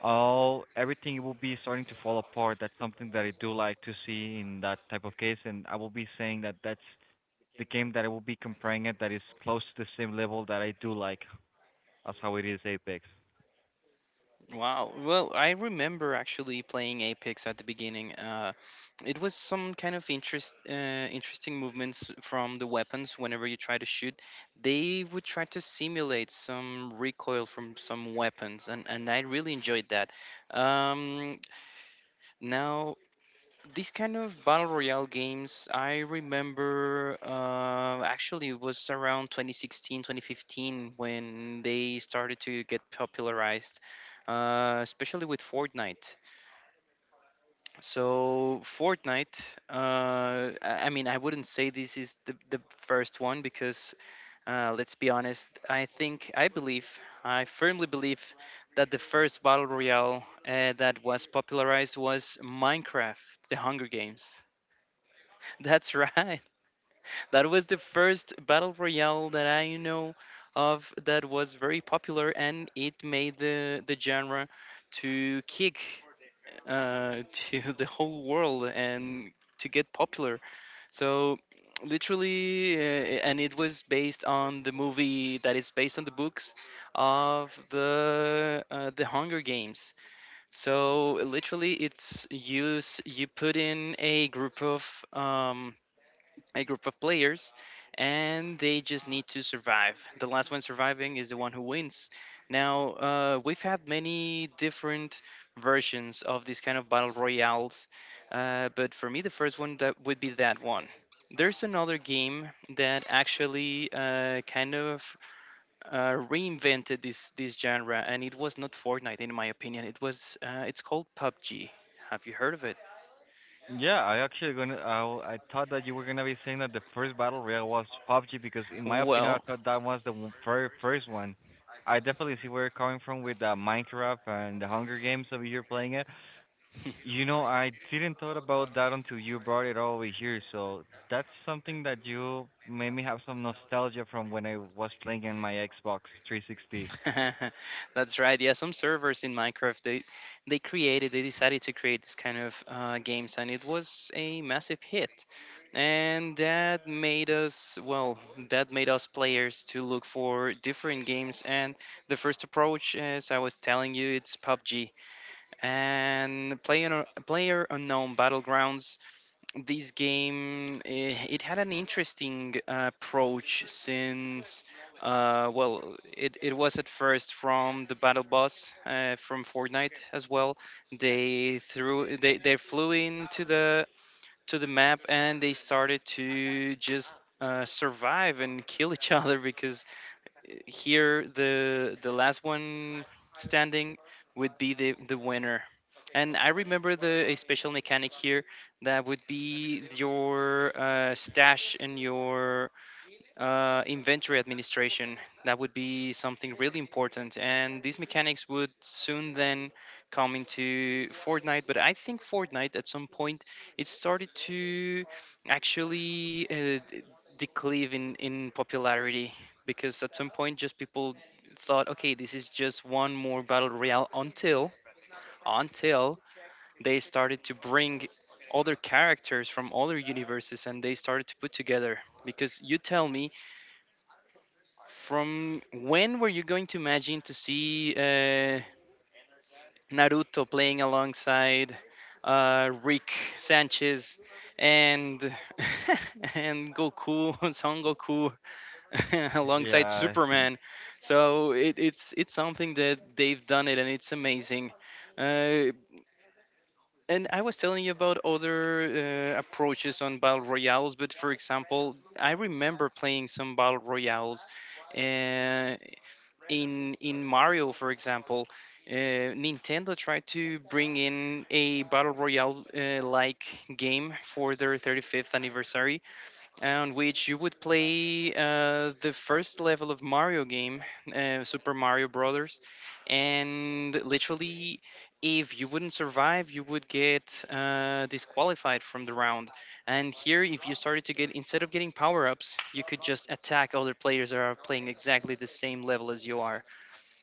[SPEAKER 1] all everything will be starting to fall apart. That's something that I do like to see in that type of case, and I will be saying that that's the game that I will be comparing it that is close to the same level that I do like as how it is Apex.
[SPEAKER 2] Wow. Well, I remember actually playing Apex at the beginning. It was some kind of interesting movements from the weapons. Whenever you try to shoot, they would try to simulate some recoil from some weapons, and I really enjoyed that. Um, Now, these kind of battle royale games, I remember, actually it was around 2016 2015 when they started to get popularized, especially with Fortnite. So Fortnite, I mean, I wouldn't say this is the first one because, let's be honest, I think I believe I firmly believe that the first battle royale that was popularized was Minecraft, the Hunger Games. That's right. That was the first battle royale that I know of that was very popular, and it made the genre to kick, uh, to the whole world and to get popular. So literally, and it was based on the movie that is based on the books of the Hunger Games. So literally, it's you put in um, a group of players, and they just need to survive. The last one surviving is the one who wins. Now, we've had many different versions of these kind of battle royales, but for me, the first one that would be that one. There's another game that actually kind of reinvented this genre, and it was not Fortnite, in my opinion. It was it's called PUBG. Have you heard of it?
[SPEAKER 1] Yeah, I actually gonna. I thought that you were gonna be saying that the first battle royale was PUBG because, in my opinion, I
[SPEAKER 2] Well,
[SPEAKER 1] thought that was the very first one. I definitely see where you're coming from with Minecraft and the Hunger Games over here playing it. You know, I didn't thought about that until you brought it all over here. So that's something that you made me have some nostalgia from when I was playing in my Xbox 360.
[SPEAKER 2] That's right. Yeah, some servers in Minecraft they created they decided to create this kind of games, and it was a massive hit, and that made us, well, that made us players to look for different games. And the first approach, as I was telling you, it's PUBG and player unknown battlegrounds. This game, it had an interesting approach since well, it was at first from the battle boss from fortnite as well. They flew into the to the map and they started to just survive and kill each other because here the last one standing would be the winner. And I remember the a special mechanic here that would be your stash and your inventory administration. That would be something really important. And these mechanics would soon then come into Fortnite. But I think Fortnite at some point it started to actually declive in popularity because at some point just people thought, okay, this is just one more battle royale until they started to bring other characters from other universes and they started to put together, because you tell me, from when were you going to imagine to see naruto playing alongside rick sanchez and and goku son goku alongside
[SPEAKER 1] Yeah.
[SPEAKER 2] superman. So it's something that they've done it and it's amazing. uh, And I was telling you about other approaches on battle royales, but for example, I remember playing some battle royales uh, in Mario, for example. Nintendo tried to bring in a battle royale like game for their 35th anniversary, on which you would play the first level of Mario game, Super Mario Brothers, and literally, if you wouldn't survive, you would get disqualified from the round. And here, if you started to get, instead of getting power ups, you could just attack other players that are playing exactly the same level as you are.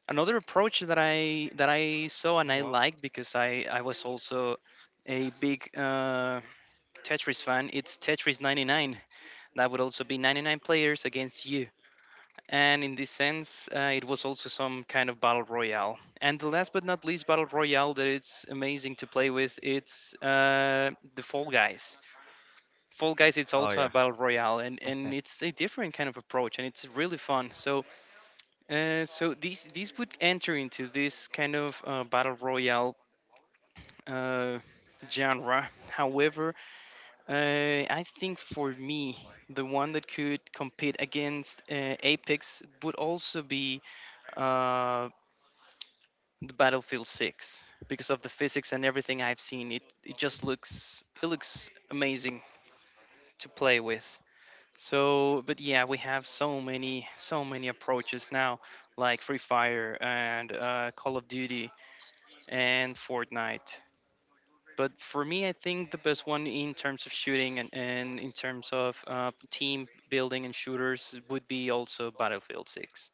[SPEAKER 2] Another approach that I saw and
[SPEAKER 1] Oh
[SPEAKER 2] I
[SPEAKER 1] wow.
[SPEAKER 2] liked, because I was also a big Tetris fan. It's Tetris 99. That would also be 99 players against you. And in this sense, it was also some kind of battle royale. And the last but not least battle royale that it's amazing to play with, it's the Fall Guys. Fall Guys, it's
[SPEAKER 1] Oh
[SPEAKER 2] also a
[SPEAKER 1] yeah.
[SPEAKER 2] battle royale, and it's a different kind of approach, and it's really fun. So, so these would enter into this kind of battle royale Uh, genre. However, I think for me, the one that could compete against Apex would also be uh, the Battlefield 6, because of the physics and everything I've seen. It just looks it looks amazing to play with. So, but yeah, we have so many approaches now, like Free Fire and Call of Duty and Fortnite. But for me, I think the best one in terms of shooting, and in terms of team building and shooters would be also Battlefield 6.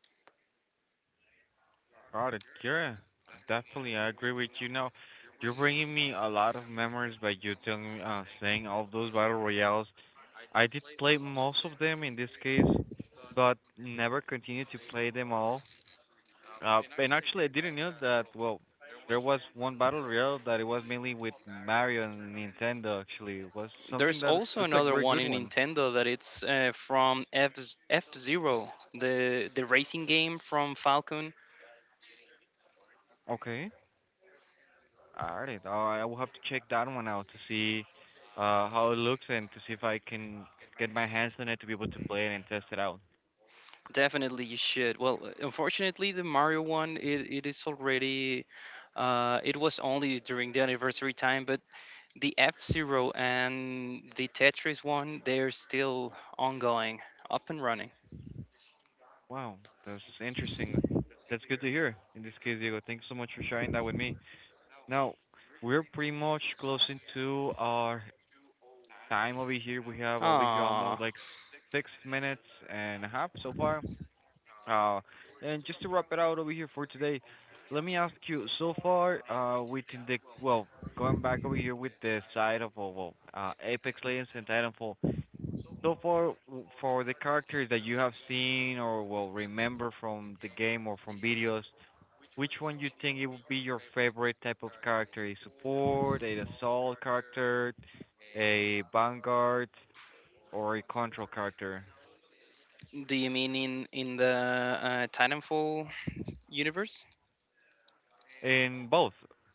[SPEAKER 1] Proud it, Kira. Definitely, I agree with you. Now, you're bringing me a lot of memories by you telling me, saying all those battle royales. I did play most of them in this case, but never continued to play them all. And actually, I didn't know that. Well, there was one battle royale that it was mainly with Mario and Nintendo. Actually, it was something
[SPEAKER 2] There's
[SPEAKER 1] that
[SPEAKER 2] also
[SPEAKER 1] that's a
[SPEAKER 2] another
[SPEAKER 1] very
[SPEAKER 2] one
[SPEAKER 1] good
[SPEAKER 2] in
[SPEAKER 1] one.
[SPEAKER 2] Nintendo that it's from F Zero, the racing game from Falcon.
[SPEAKER 1] Okay. All right. I will have to check that one out to see how it looks and to see if I can get my hands on it to be able to play it and test it out.
[SPEAKER 2] Definitely you should. Well, unfortunately, the Mario one, it is already. It was only during the anniversary time, but the F Zero and the Tetris one, they're still ongoing, up and running.
[SPEAKER 1] Wow, that's interesting. That's good to hear. In this case, Diego, thanks so much for sharing that with me. Now, we're pretty much closing to our time over here. We have over here almost
[SPEAKER 2] Ah,
[SPEAKER 1] like 6 minutes and a half so far. Uh, and just to wrap it out over here for today, let me ask you, so far, within the, well, going back over here with the side of, well, Apex Legends and Titanfall, so far for the characters that you have seen or will remember from the game or from videos, which one you think it would be your favorite type of character? A support, a assault character, a vanguard, or a control character?
[SPEAKER 2] do you mean in the Titanfall universe?
[SPEAKER 1] In both,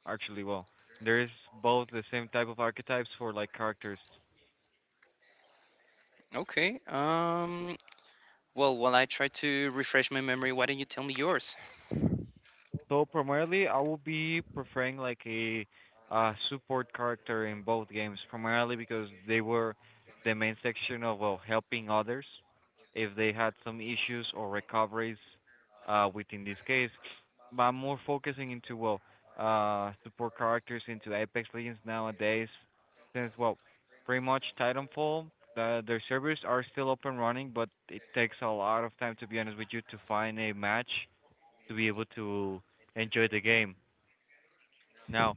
[SPEAKER 1] actually, well, there is both the same type of archetypes for like characters.
[SPEAKER 2] Okay. Well, while I try to refresh my memory, why don't you tell me yours?
[SPEAKER 1] So primarily, I will be preferring like a support character in both games, primarily because they were the main section of well, helping others if they had some issues or recoveries within this case. But I'm more focusing into well, support characters into Apex Legends nowadays, since well, pretty much Titanfall. Their servers are still up and running, but it takes a lot of time to be honest with you to find a match to be able to enjoy the game. Now,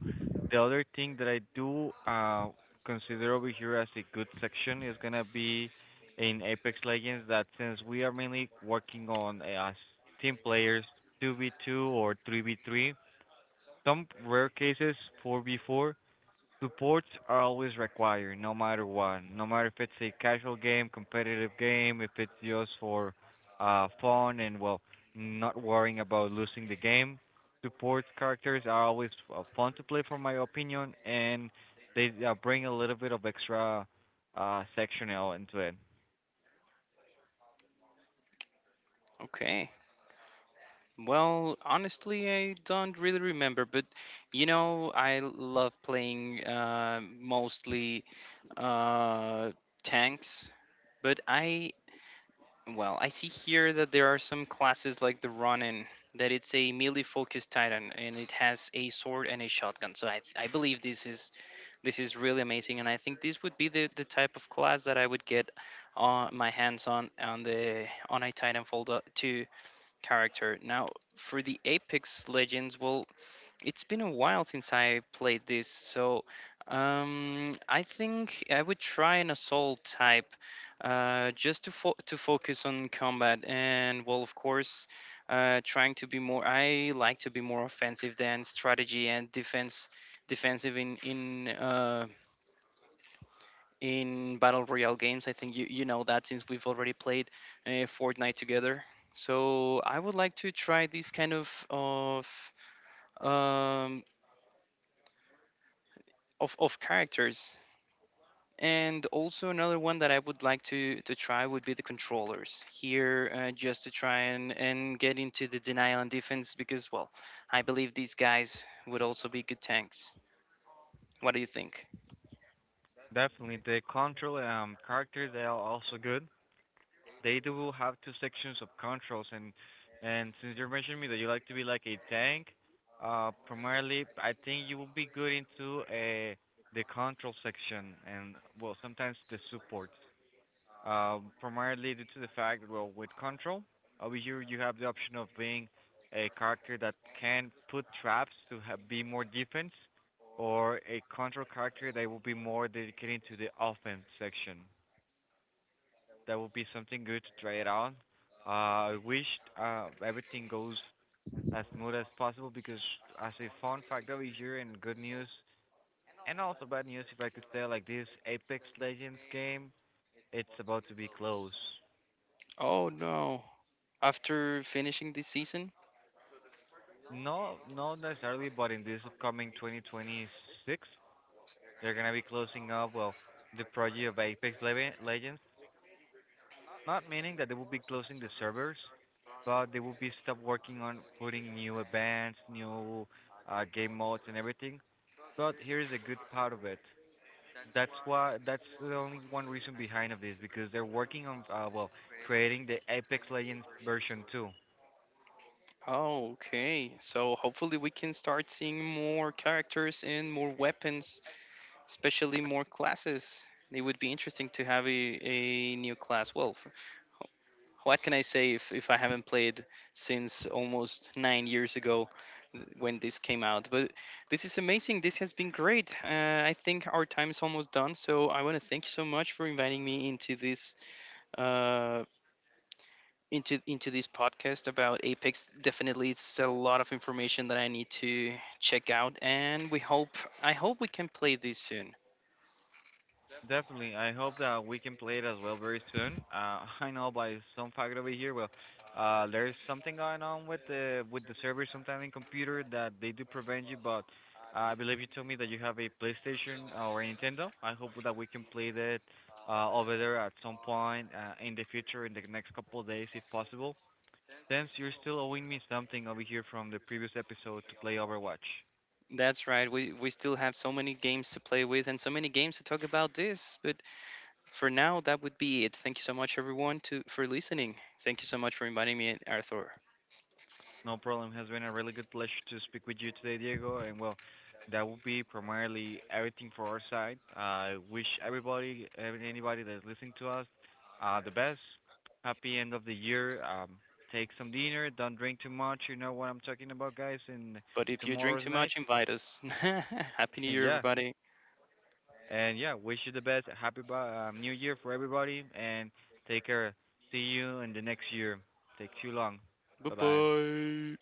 [SPEAKER 1] the other thing that I do consider over here as a good section is gonna be in Apex Legends that since we are mainly working on as team players 2v2 or 3v3, some rare cases 4v4, supports are always required, no matter what. No matter if it's a casual game, competitive game, if it's just for fun and well, not worrying about losing the game. Support characters are always fun to play, from my opinion, and they bring a little bit of extra sectional into it.
[SPEAKER 2] Okay. Well, honestly, I don't really remember, but you know, I love playing mostly uh, tanks, but I, well, I see here that there are some classes like the Ronin that it's a melee focused Titan and it has a sword and a shotgun. So I believe this is really amazing and I think this would be the type of class that I would get my hands on the on a Titanfall 2 character. Now for the Apex Legends, well, it's been a while since I played this, so I think I would try an assault type, just to to focus on combat and, well, of course, trying to be more. I like to be more offensive than strategy and defense, defensive in battle royale games. I think you know that since we've already played Fortnite together. So I would like to try these kind of um, of characters. And also another one that I would like to try would be the controllers here, just to try and get into the denial and defense, because, well, I believe these guys would also be good tanks. What do you think?
[SPEAKER 1] Definitely, the control characters they are also good. They do have two sections of controls, and since you're mentioning me that you like to be like a tank, primarily I think you will be good into the control section and well sometimes the support. Primarily due to the fact that well with control, over here you have the option of being a character that can put traps to ha be more defense, or a control character that will be more dedicated to the offense section. That would be something good to try it out. I wish everything goes as smooth as possible because, as a fun fact over here and good news, and also bad news, if I could say like this, Apex Legends game, it's about to be closed.
[SPEAKER 2] Oh no. After finishing this season?
[SPEAKER 1] No, not necessarily, but in this upcoming 2026, they're gonna be closing up well the project of Apex Legends. Not meaning that they will be closing the servers, but they will be stop working on putting new events, new game modes and everything. But here is a good part of it. That's why that's the only one reason behind of this because they're working on well creating the Apex Legends version 2.
[SPEAKER 2] Oh, okay. So hopefully we can start seeing more characters and more weapons, especially more classes. It would be interesting to have a new class. Well, what can I say if I haven't played since almost 9 years ago when this came out? But this is amazing. This has been great. I think our time is almost done. So I want to thank you so much for inviting me into this. Uh, into this podcast about Apex. Definitely, it's a lot of information that I need to check out, and we hope I hope we can play this soon.
[SPEAKER 1] Definitely. I hope that we can play it as well very soon. I know by some fact over here, well, there's something going on with the server sometime in computer that they do prevent you. But I believe you told me that you have a PlayStation or a Nintendo. I hope that we can play that over there at some point in the future, in the next couple of days, if possible. Since you're still owing me something over here from the previous episode to play Overwatch.
[SPEAKER 2] That's right. We still have so many games to play with and so many games to talk about this, but for now, that would be it. Thank you so much, everyone, to for listening. Thank you so much for inviting me, Arthur.
[SPEAKER 1] No problem. It has been a really good pleasure to speak with you today, Diego. And well, that will be primarily everything for our side. I wish everybody, anybody that's listening to us, the best. Happy end of the year. Take some dinner. Don't drink too much. You know what I'm talking about, guys. And
[SPEAKER 2] But if you drink
[SPEAKER 1] tomorrow's
[SPEAKER 2] too
[SPEAKER 1] night.
[SPEAKER 2] much, invite us. Happy New Year,
[SPEAKER 1] Yeah.
[SPEAKER 2] everybody.
[SPEAKER 1] And yeah, wish you the best. Happy New Year for everybody. And take care. See you in the next year. Take too long.
[SPEAKER 2] Bye
[SPEAKER 1] Bye bye.
[SPEAKER 2] bye.